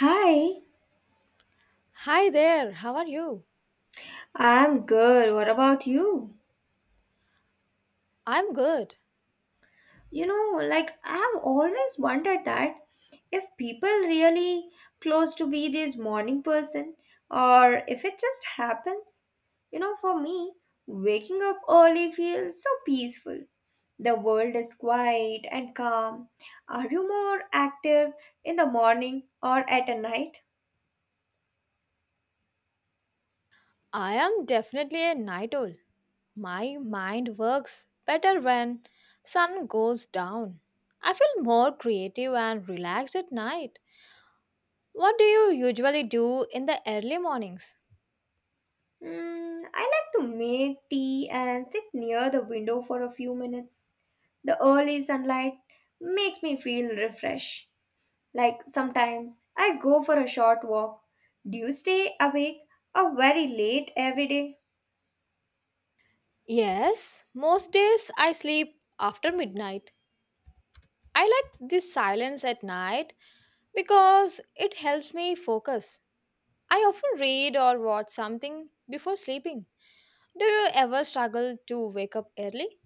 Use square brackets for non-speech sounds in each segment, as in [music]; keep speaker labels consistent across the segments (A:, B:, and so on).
A: Hi,
B: Hi there, how are you?
A: I'm good. What about you?
B: I'm good.
A: Like I've always wondered that if people really close to be this morning person or if it just happens. For me, waking up early feels so peaceful. The world is quiet and calm. Are you more active in the morning or at a night?
B: I am definitely a night owl. My mind works better when sun goes down. I feel more creative and relaxed at night. What do you usually do in the early mornings?
A: I like to make tea and sit near the window for a few minutes. The early sunlight makes me feel refreshed. Like sometimes I go for a short walk. Do you stay awake or very late every day?
B: Yes, most days I sleep after midnight. I like this silence at night because it helps me focus. I often read or watch something before sleeping. Do you ever struggle to wake up early?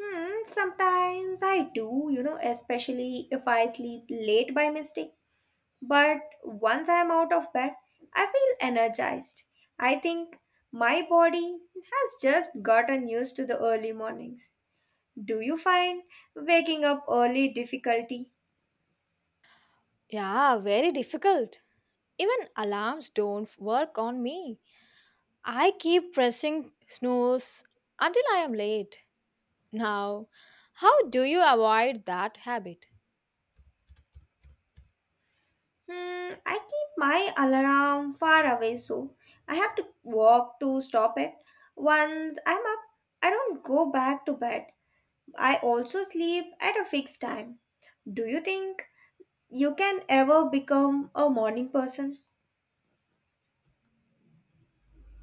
A: Sometimes I do, especially if I sleep late by mistake. But once I am out of bed, I feel energized. I think my body has just gotten used to the early mornings. Do you find waking up early difficulty?
B: Yeah, very difficult. Even alarms don't work on me. I keep pressing snooze until I am late. Now, how do you avoid that habit?
A: I keep my alarm far away so I have to walk to stop it. Once I'm up, I don't go back to bed. I also sleep at a fixed time. Do you think you can ever become a morning person?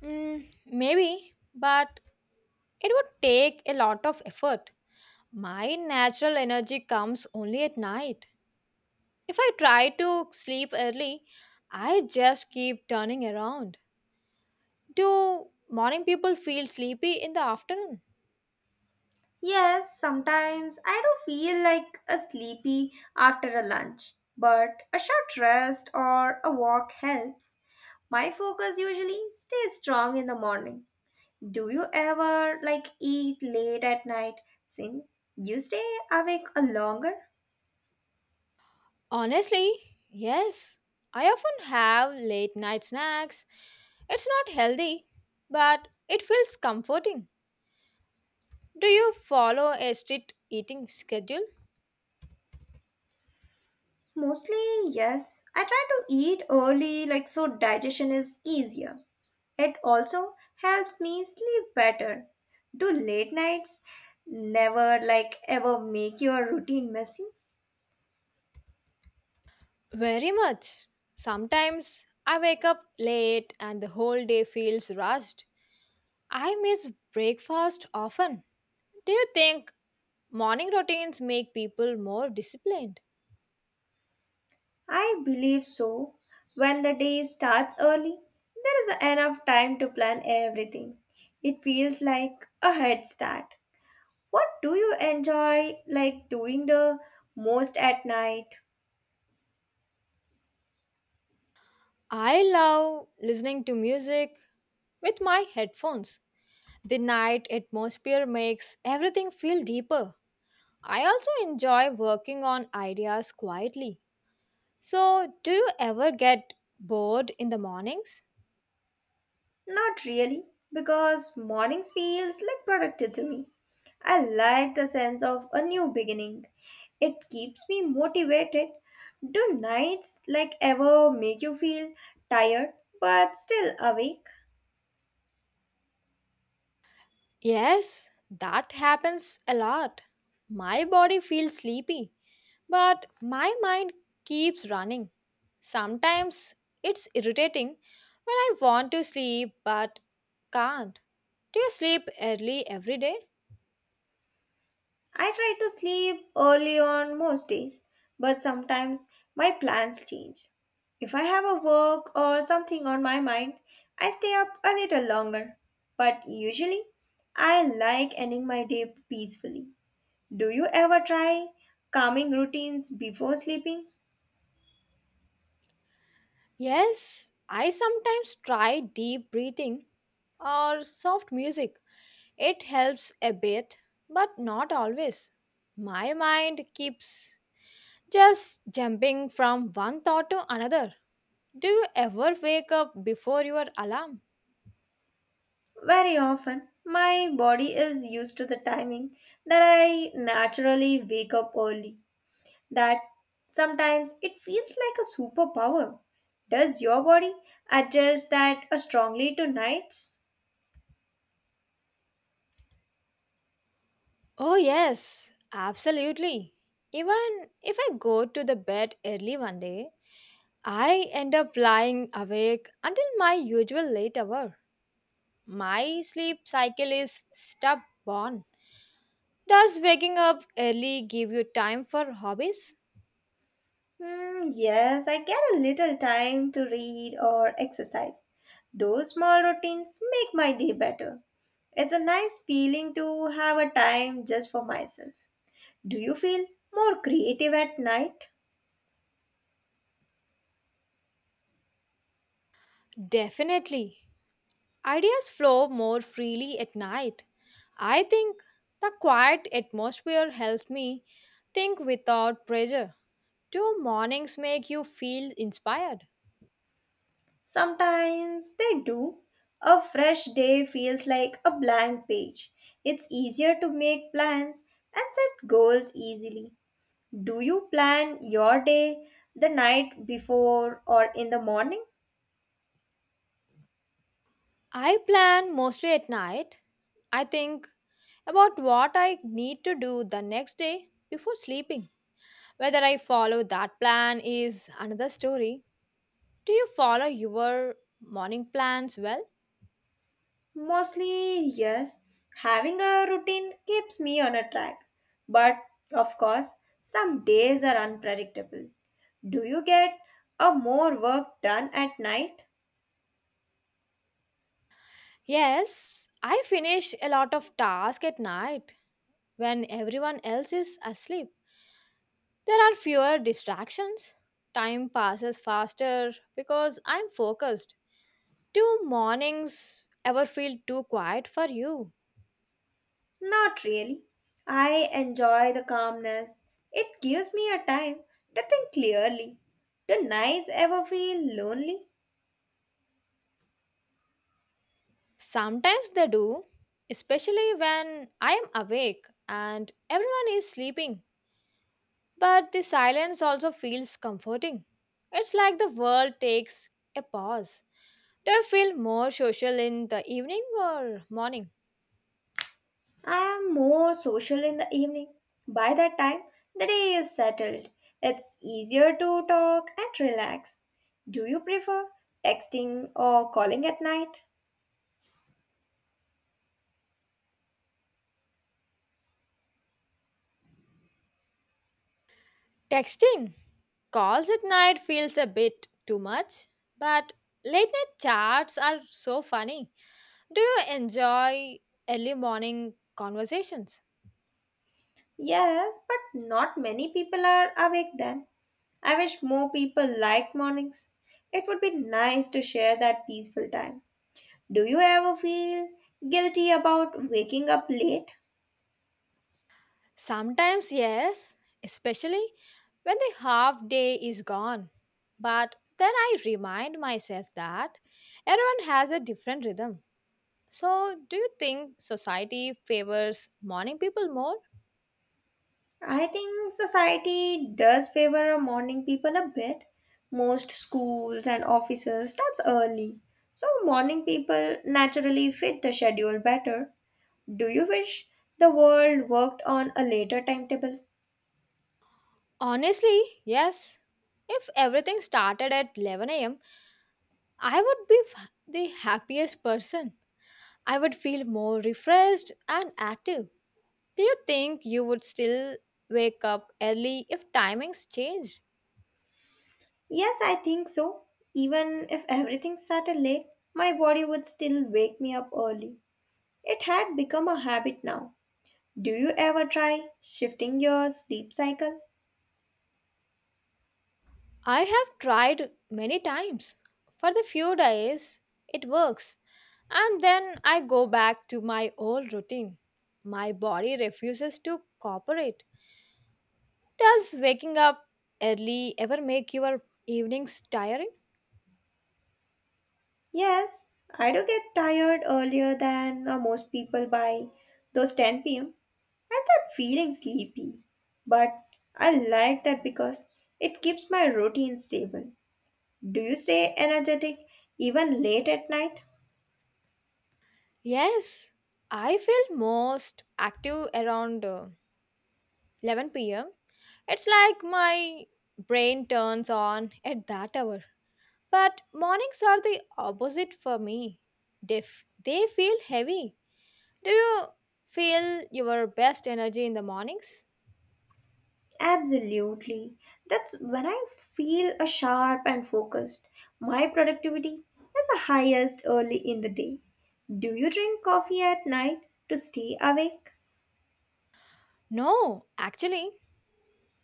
B: Maybe, but it would take a lot of effort. My natural energy comes only at night. If I try to sleep early, I just keep turning around. Do morning people feel sleepy in the afternoon?
A: Yes, sometimes I do feel like a sleepy after a lunch, but a short rest or a walk helps. My focus usually stays strong in the morning. Do you ever like eat late at night since you stay awake a longer?
B: Honestly, yes. I often have late night snacks. It's not healthy, but it feels comforting. Do you follow a strict eating schedule?
A: Mostly, yes. I try to eat early like so digestion is easier. It also helps me sleep better. Do late nights never like ever make your routine messy?
B: Very much. Sometimes I wake up late and the whole day feels rushed. I miss breakfast often. Do you think morning routines make people more disciplined?
A: I believe so. When the day starts early, there is enough time to plan everything. It feels like a head start. What do you enjoy like doing the most at night?
B: I love listening to music with my headphones. The night atmosphere makes everything feel deeper. I also enjoy working on ideas quietly. So, do you ever get bored in the mornings?
A: Not really, because mornings feels like productive to me. I like the sense of a new beginning. It keeps me motivated. Do nights like ever make you feel tired but still awake?
B: Yes, that happens a lot. My body feels sleepy, but my mind keeps running. Sometimes it's irritating when I want to sleep but can't. Do you sleep early every day?
A: I try to sleep early on most days, but sometimes my plans change. If I have a work or something on my mind, I stay up a little longer. But usually, I like ending my day peacefully. Do you ever try calming routines before sleeping?
B: Yes, I sometimes try deep breathing or soft music. It helps a bit, but not always. My mind keeps just jumping from one thought to another. Do you ever wake up before your alarm?
A: Very often, my body is used to the timing that I naturally wake up early. That sometimes it feels like a superpower. Does your body adjust that strongly to nights?
B: Oh, yes, absolutely. Even if I go to the bed early one day, I end up lying awake until my usual late hour. My sleep cycle is stubborn. Does waking up early give you time for hobbies?
A: Hmm, yes, I get a little time to read or exercise. Those small routines make my day better. It's a nice feeling to have a time just for myself. Do you feel more creative at night?
B: Definitely. Ideas flow more freely at night. I think the quiet atmosphere helps me think without pressure. Do mornings make you feel inspired?
A: Sometimes they do. A fresh day feels like a blank page. It's easier to make plans and set goals easily. Do you plan your day the night before or in the morning?
B: I plan mostly at night. I think about what I need to do the next day before sleeping. Whether I follow that plan is another story. Do you follow your morning plans well?
A: Mostly, yes. Having a routine keeps me on a track. But of course, some days are unpredictable. Do you get a more work done at night?
B: Yes, I finish a lot of tasks at night when everyone else is asleep. There are fewer distractions. Time passes faster because I'm focused. Do mornings ever feel too quiet for you?
A: Not really. I enjoy the calmness. It gives me a time to think clearly. Do nights ever feel lonely?
B: Sometimes they do, especially when I am awake and everyone is sleeping. But the silence also feels comforting. It's like the world takes a pause. Do you feel more social in the evening or morning?
A: I am more social in the evening. By that time, the day is settled. It's easier to talk and relax. Do you prefer texting or calling at night?
B: Texting calls at night feels a bit too much, but late night chats are so funny. Do you enjoy early morning conversations?
A: Yes, but not many people are awake then. I wish more people liked mornings. It would be nice to share that peaceful time. Do you ever feel guilty about waking up late?
B: Sometimes, yes, especially when the half day is gone. But then I remind myself that everyone has a different rhythm. So, do you think society favors morning people more?
A: I think society does favor a morning people a bit. Most schools and offices starts early. So morning people naturally fit the schedule better. Do you wish the world worked on a later timetable?
B: Honestly, yes. If everything started at 11 a.m., I would be the happiest person. I would feel more refreshed and active. Do you think you would still wake up early if timings changed?
A: Yes, I think so. Even if everything started late, my body would still wake me up early. It had become a habit now. Do you ever try shifting your sleep cycle?
B: I have tried many times. For the few days, it works. And then I go back to my old routine. My body refuses to cooperate. Does waking up early ever make your evenings tiring?
A: Yes, I do get tired earlier than most people by those 10 pm. I start feeling sleepy, but I like that because it keeps my routine stable. Do you stay energetic even late at night?
B: Yes, I feel most active around 11 pm. It's like my brain turns on at that hour. But mornings are the opposite for me. They, they feel heavy. Do you feel your best energy in the mornings?
A: Absolutely. That's when I feel a sharp and focused. My productivity is the highest early in the day. Do you drink coffee at night to stay awake?
B: No, actually,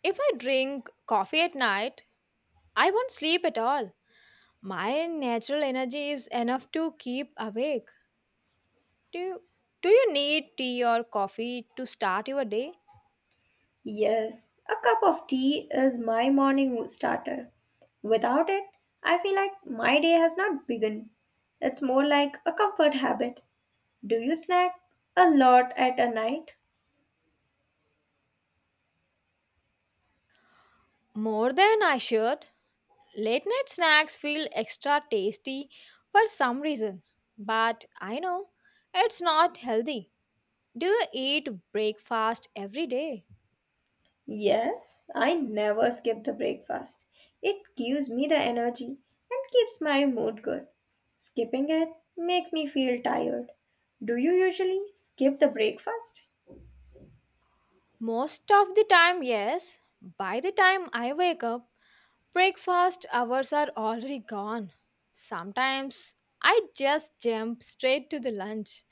B: if I drink coffee at night, I won't sleep at all. My natural energy is enough to keep awake. Do you, do you need tea or coffee to start your day?
A: Yes, a cup of tea is my morning starter. Without it, I feel like my day has not begun. It's more like a comfort habit. Do you snack a lot at a night?
B: More than I should. Late night snacks feel extra tasty for some reason, but I know it's not healthy. Do you eat breakfast every day?
A: Yes, I never skip the breakfast. It gives me the energy and keeps my mood good. Skipping it makes me feel tired. Do you usually skip the breakfast?
B: Most of the time, yes. By the time I wake up, breakfast hours are already gone. Sometimes I just jump straight to the lunch.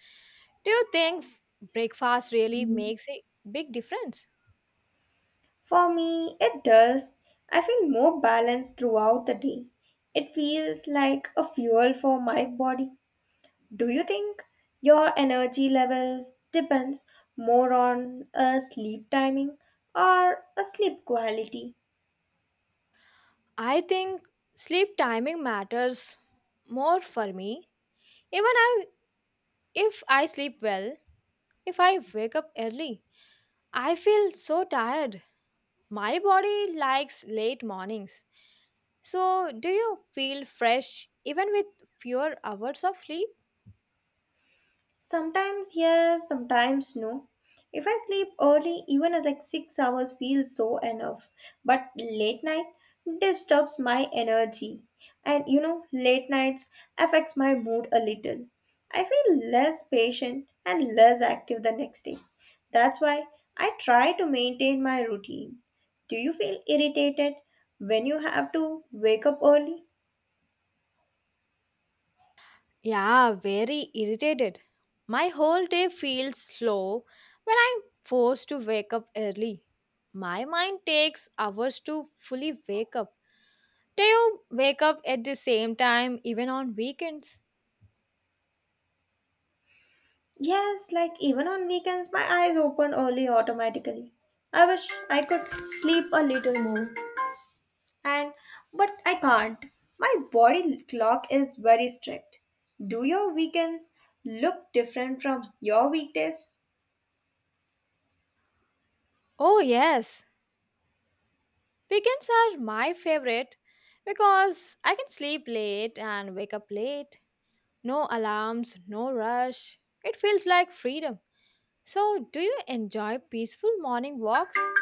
B: Do you think breakfast really makes a big difference?
A: For me, it does. I feel more balanced throughout the day. It feels like a fuel for my body. Do you think your energy levels depends more on a sleep timing or a sleep quality?
B: I think sleep timing matters more for me. Even I, if I sleep well, if I wake up early, I feel so tired. My body likes late mornings. So, do you feel fresh even with fewer hours of sleep?
A: Sometimes yes, sometimes no. If I sleep early, even at like 6 hours feels so enough. But late night disturbs my energy. And late nights affects my mood a little. I feel less patient and less active the next day. That's why I try to maintain my routine. Do you feel irritated when you have to wake up early?
B: Yeah, very irritated. My whole day feels slow when I'm forced to wake up early. My mind takes hours to fully wake up. Do you wake up at the same time even on weekends?
A: Yes, like even on weekends, my eyes open early automatically. I wish I could sleep a little more, and but I can't. My body clock is very strict. Do your weekends look different from your weekdays?
B: Oh, yes. Weekends are my favorite because I can sleep late and wake up late. No alarms, no rush. It feels like freedom. So, do you enjoy peaceful morning walks?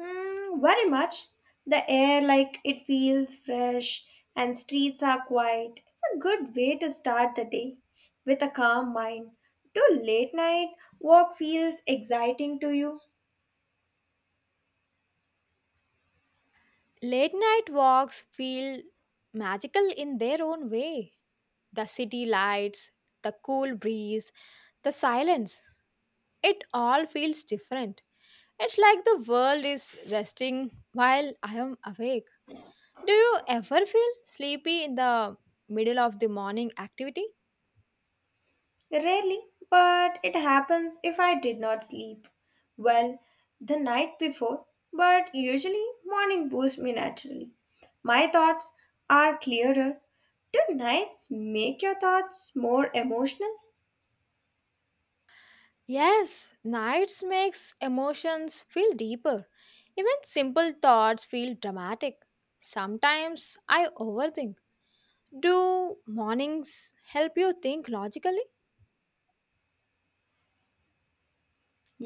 A: Hmm, very much. The air, like it feels fresh, and streets are quiet. It's a good way to start the day with a calm mind. Do late night walk feels exciting to you?
B: Late night walks feel magical in their own way. The city lights, the cool breeze, the silence, it all feels different. It's like the world is resting while I am awake. Do you ever feel sleepy in the middle of the morning activity?
A: Rarely, but it happens if I did not sleep well the night before, but usually morning boosts me naturally. My thoughts are clearer. Do nights make your thoughts more emotional?
B: Yes, nights makes emotions feel deeper. Even simple thoughts feel dramatic. Sometimes I overthink. Do mornings help you think logically?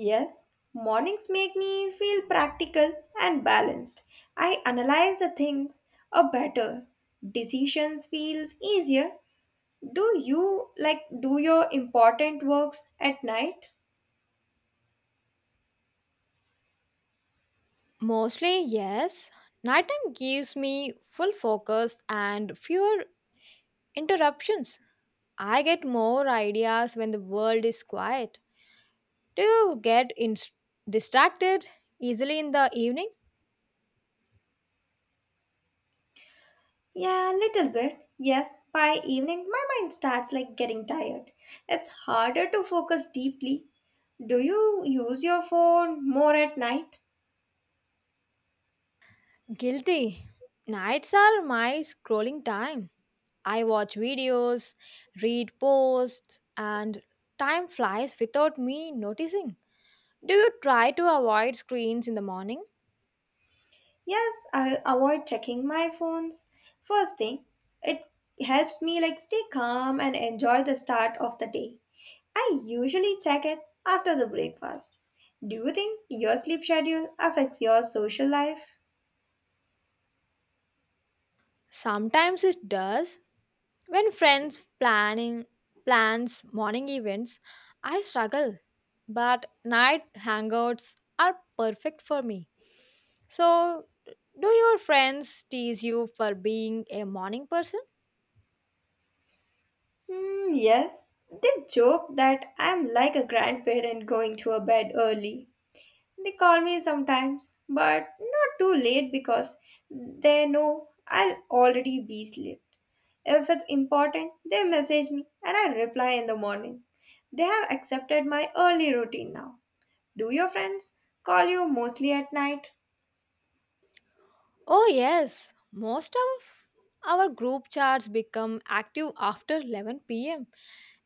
A: Yes, mornings make me feel practical and balanced. I analyze the things a better. Decisions feels easier. Do you like do your important works at night?
B: Mostly, yes. Nighttime gives me full focus and fewer interruptions. I get more ideas when the world is quiet. Do you get distracted easily in the evening?
A: Yeah, a little bit. Yes, by evening my mind starts like getting tired. It's harder to focus deeply. Do you use your phone more at night?
B: Guilty. Nights are my scrolling time. I watch videos, read posts, and time flies without me noticing. Do you try to avoid screens in the morning?
A: Yes, I avoid checking my phones. First thing, it helps me like stay calm and enjoy the start of the day. I usually check it after the breakfast. Do you think your sleep schedule affects your social life?
B: Sometimes it does. When friends planning plans morning events, I struggle. But night hangouts are perfect for me. So, do your friends tease you for being a morning person?
A: Hmm, yes, they joke that I'm like a grandparent going to a bed early. They call me sometimes, but not too late because they know I'll already be asleep. If it's important, they message me and I reply in the morning. They have accepted my early routine now. Do your friends call you mostly at night?
B: Oh yes, most of our group chats become active after 11 pm.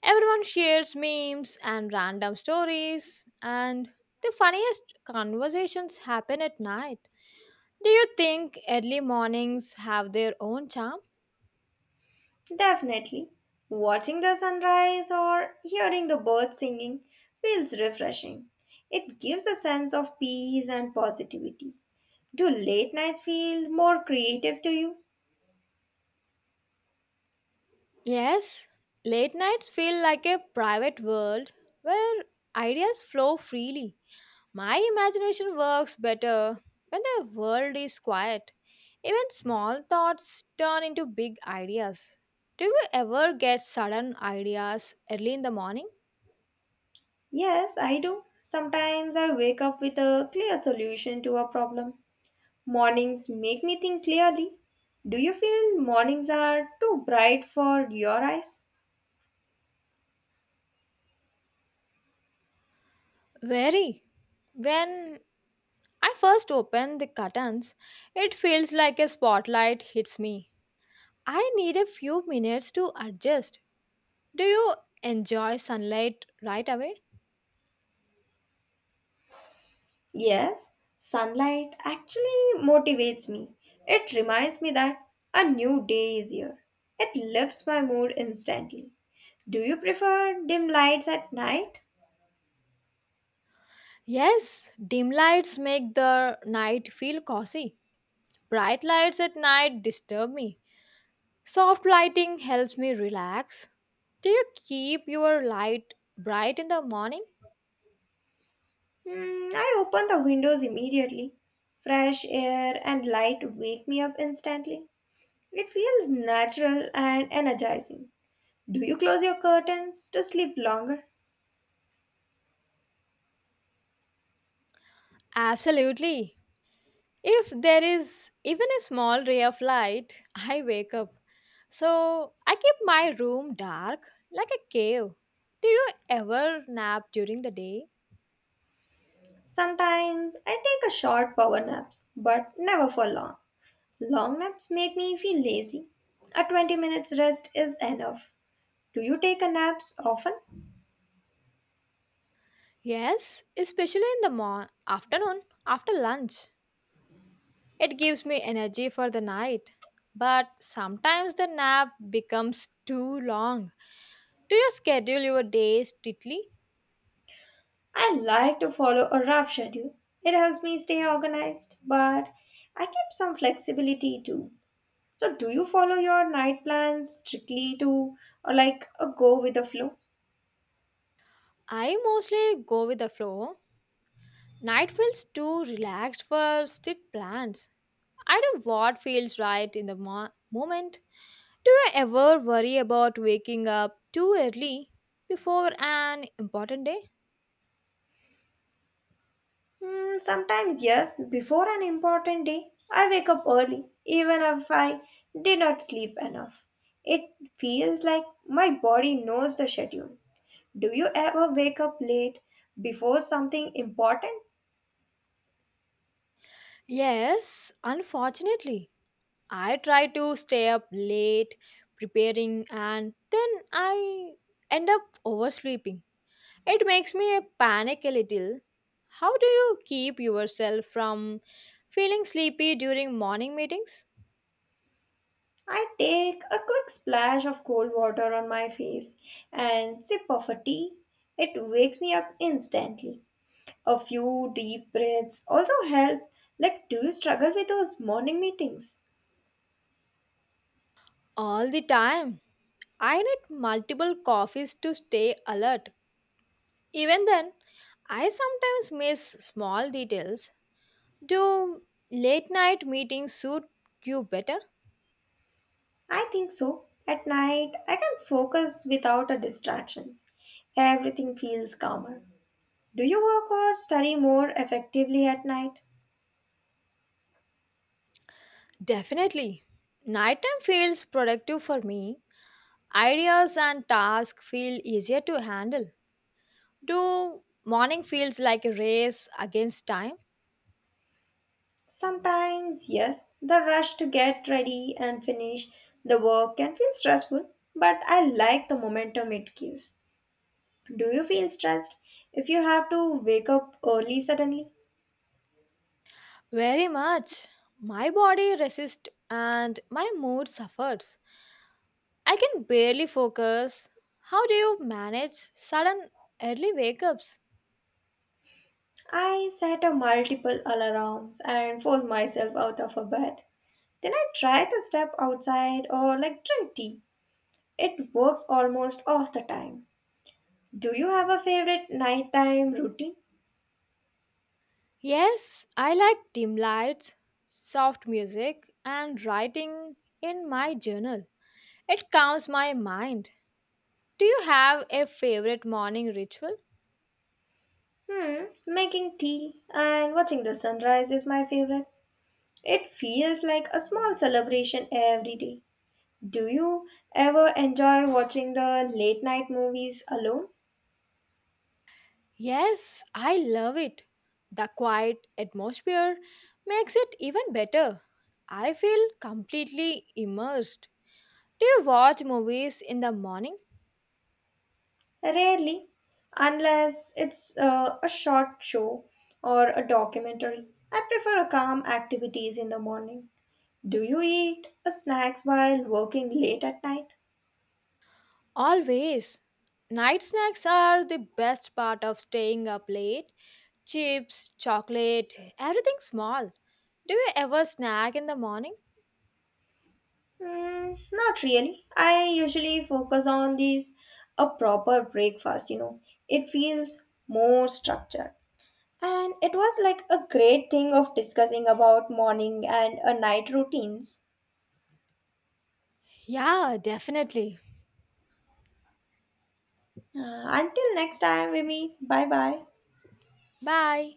B: Everyone shares memes and random stories and the funniest conversations happen at night. Do you think early mornings have their own charm?
A: Definitely. Watching the sunrise or hearing the birds singing feels refreshing. It gives a sense of peace and positivity. Do late nights feel more creative to you?
B: Yes, late nights feel like a private world where ideas flow freely. My imagination works better when the world is quiet. Even small thoughts turn into big ideas. Do you ever get sudden ideas early in the morning?
A: Yes, I do. Sometimes I wake up with a clear solution to a problem. Mornings make me think clearly. Do you feel mornings are too bright for your eyes?
B: Very. When I first open the curtains, it feels like a spotlight hits me. I need a few minutes to adjust. Do you enjoy sunlight right away?
A: Yes, sunlight actually motivates me. It reminds me that a new day is here. It lifts my mood instantly. Do you prefer dim lights at night?
B: Yes, dim lights make the night feel cozy. Bright lights at night disturb me. Soft lighting helps me relax. Do you keep your light bright in the morning?
A: I open the windows immediately. Fresh air and light wake me up instantly. It feels natural and energizing. Do you close your curtains to sleep longer?
B: Absolutely. If there is even a small ray of light, [laughs] I wake up. So I keep my room dark like a cave. Do you ever nap during the day?
A: Sometimes I take a short power naps, but never for long. Long naps make me feel lazy. A 20 minutes rest is enough. Do you take a naps often?
B: Yes, especially in the morning, afternoon after lunch. It gives me energy for the night. But sometimes the nap becomes too long. Do you schedule your days strictly?
A: I like to follow a rough schedule. It helps me stay organized, but I keep some flexibility too. So do you follow your night plans strictly too or like a go with the flow?
B: I mostly go with the flow. Night feels too relaxed for strict plans. I do what feels right in the moment. Do you ever worry about waking up too early before an important day?
A: Hmm, sometimes, yes, before an important day, I wake up early, even if I did not sleep enough. It feels like my body knows the schedule. Do you ever wake up late before something important?
B: Yes, unfortunately. I try to stay up late preparing and then I end up oversleeping. It makes me panic a little. How do you keep yourself from feeling sleepy during morning meetings?
A: I take a quick splash of cold water on my face and sip of a tea. It wakes me up instantly. A few deep breaths also help. Like, do you struggle with those morning meetings?
B: All the time. I need multiple coffees to stay alert. Even then, I sometimes miss small details. Do late night meetings suit you better?
A: I think so. At night, I can focus without a distractions. Everything feels calmer. Do you work or study more effectively at night?
B: Definitely. Nighttime feels productive for me. Ideas and tasks feel easier to handle. Do morning feels like a race against time?
A: Sometimes, yes, the rush to get ready and finish the work can feel stressful, but I like the momentum it gives. Do you feel stressed if you have to wake up early suddenly?
B: Very much. My body resists and my mood suffers. I can barely focus. How do you manage sudden early wake ups?
A: I set a multiple alarms and force myself out of a bed. Then I try to step outside or like drink tea. It works almost all the time. Do you have a favorite nighttime routine?
B: Yes, I like dim lights, soft music, and writing in my journal. It calms my mind. Do you have a favorite morning ritual?
A: Making tea and watching the sunrise is my favorite. It feels like a small celebration every day. Do you ever enjoy watching the late night movies alone?
B: Yes, I love it. The quiet atmosphere makes it even better. I feel completely immersed. Do you watch movies in the morning?
A: Rarely, unless it's a short show or a documentary. I prefer calm activities in the morning. Do you eat snacks while working late at night?
B: Always. Night snacks are the best part of staying up late. Chips, chocolate, everything small. Do you ever snack in the morning?
A: Mm, not really. I usually focus on these a proper breakfast. It feels more structured. And it was like a great thing of discussing about morning and a night routines.
B: Yeah, definitely.
A: Until next time, maybe. Bye bye.
B: Bye.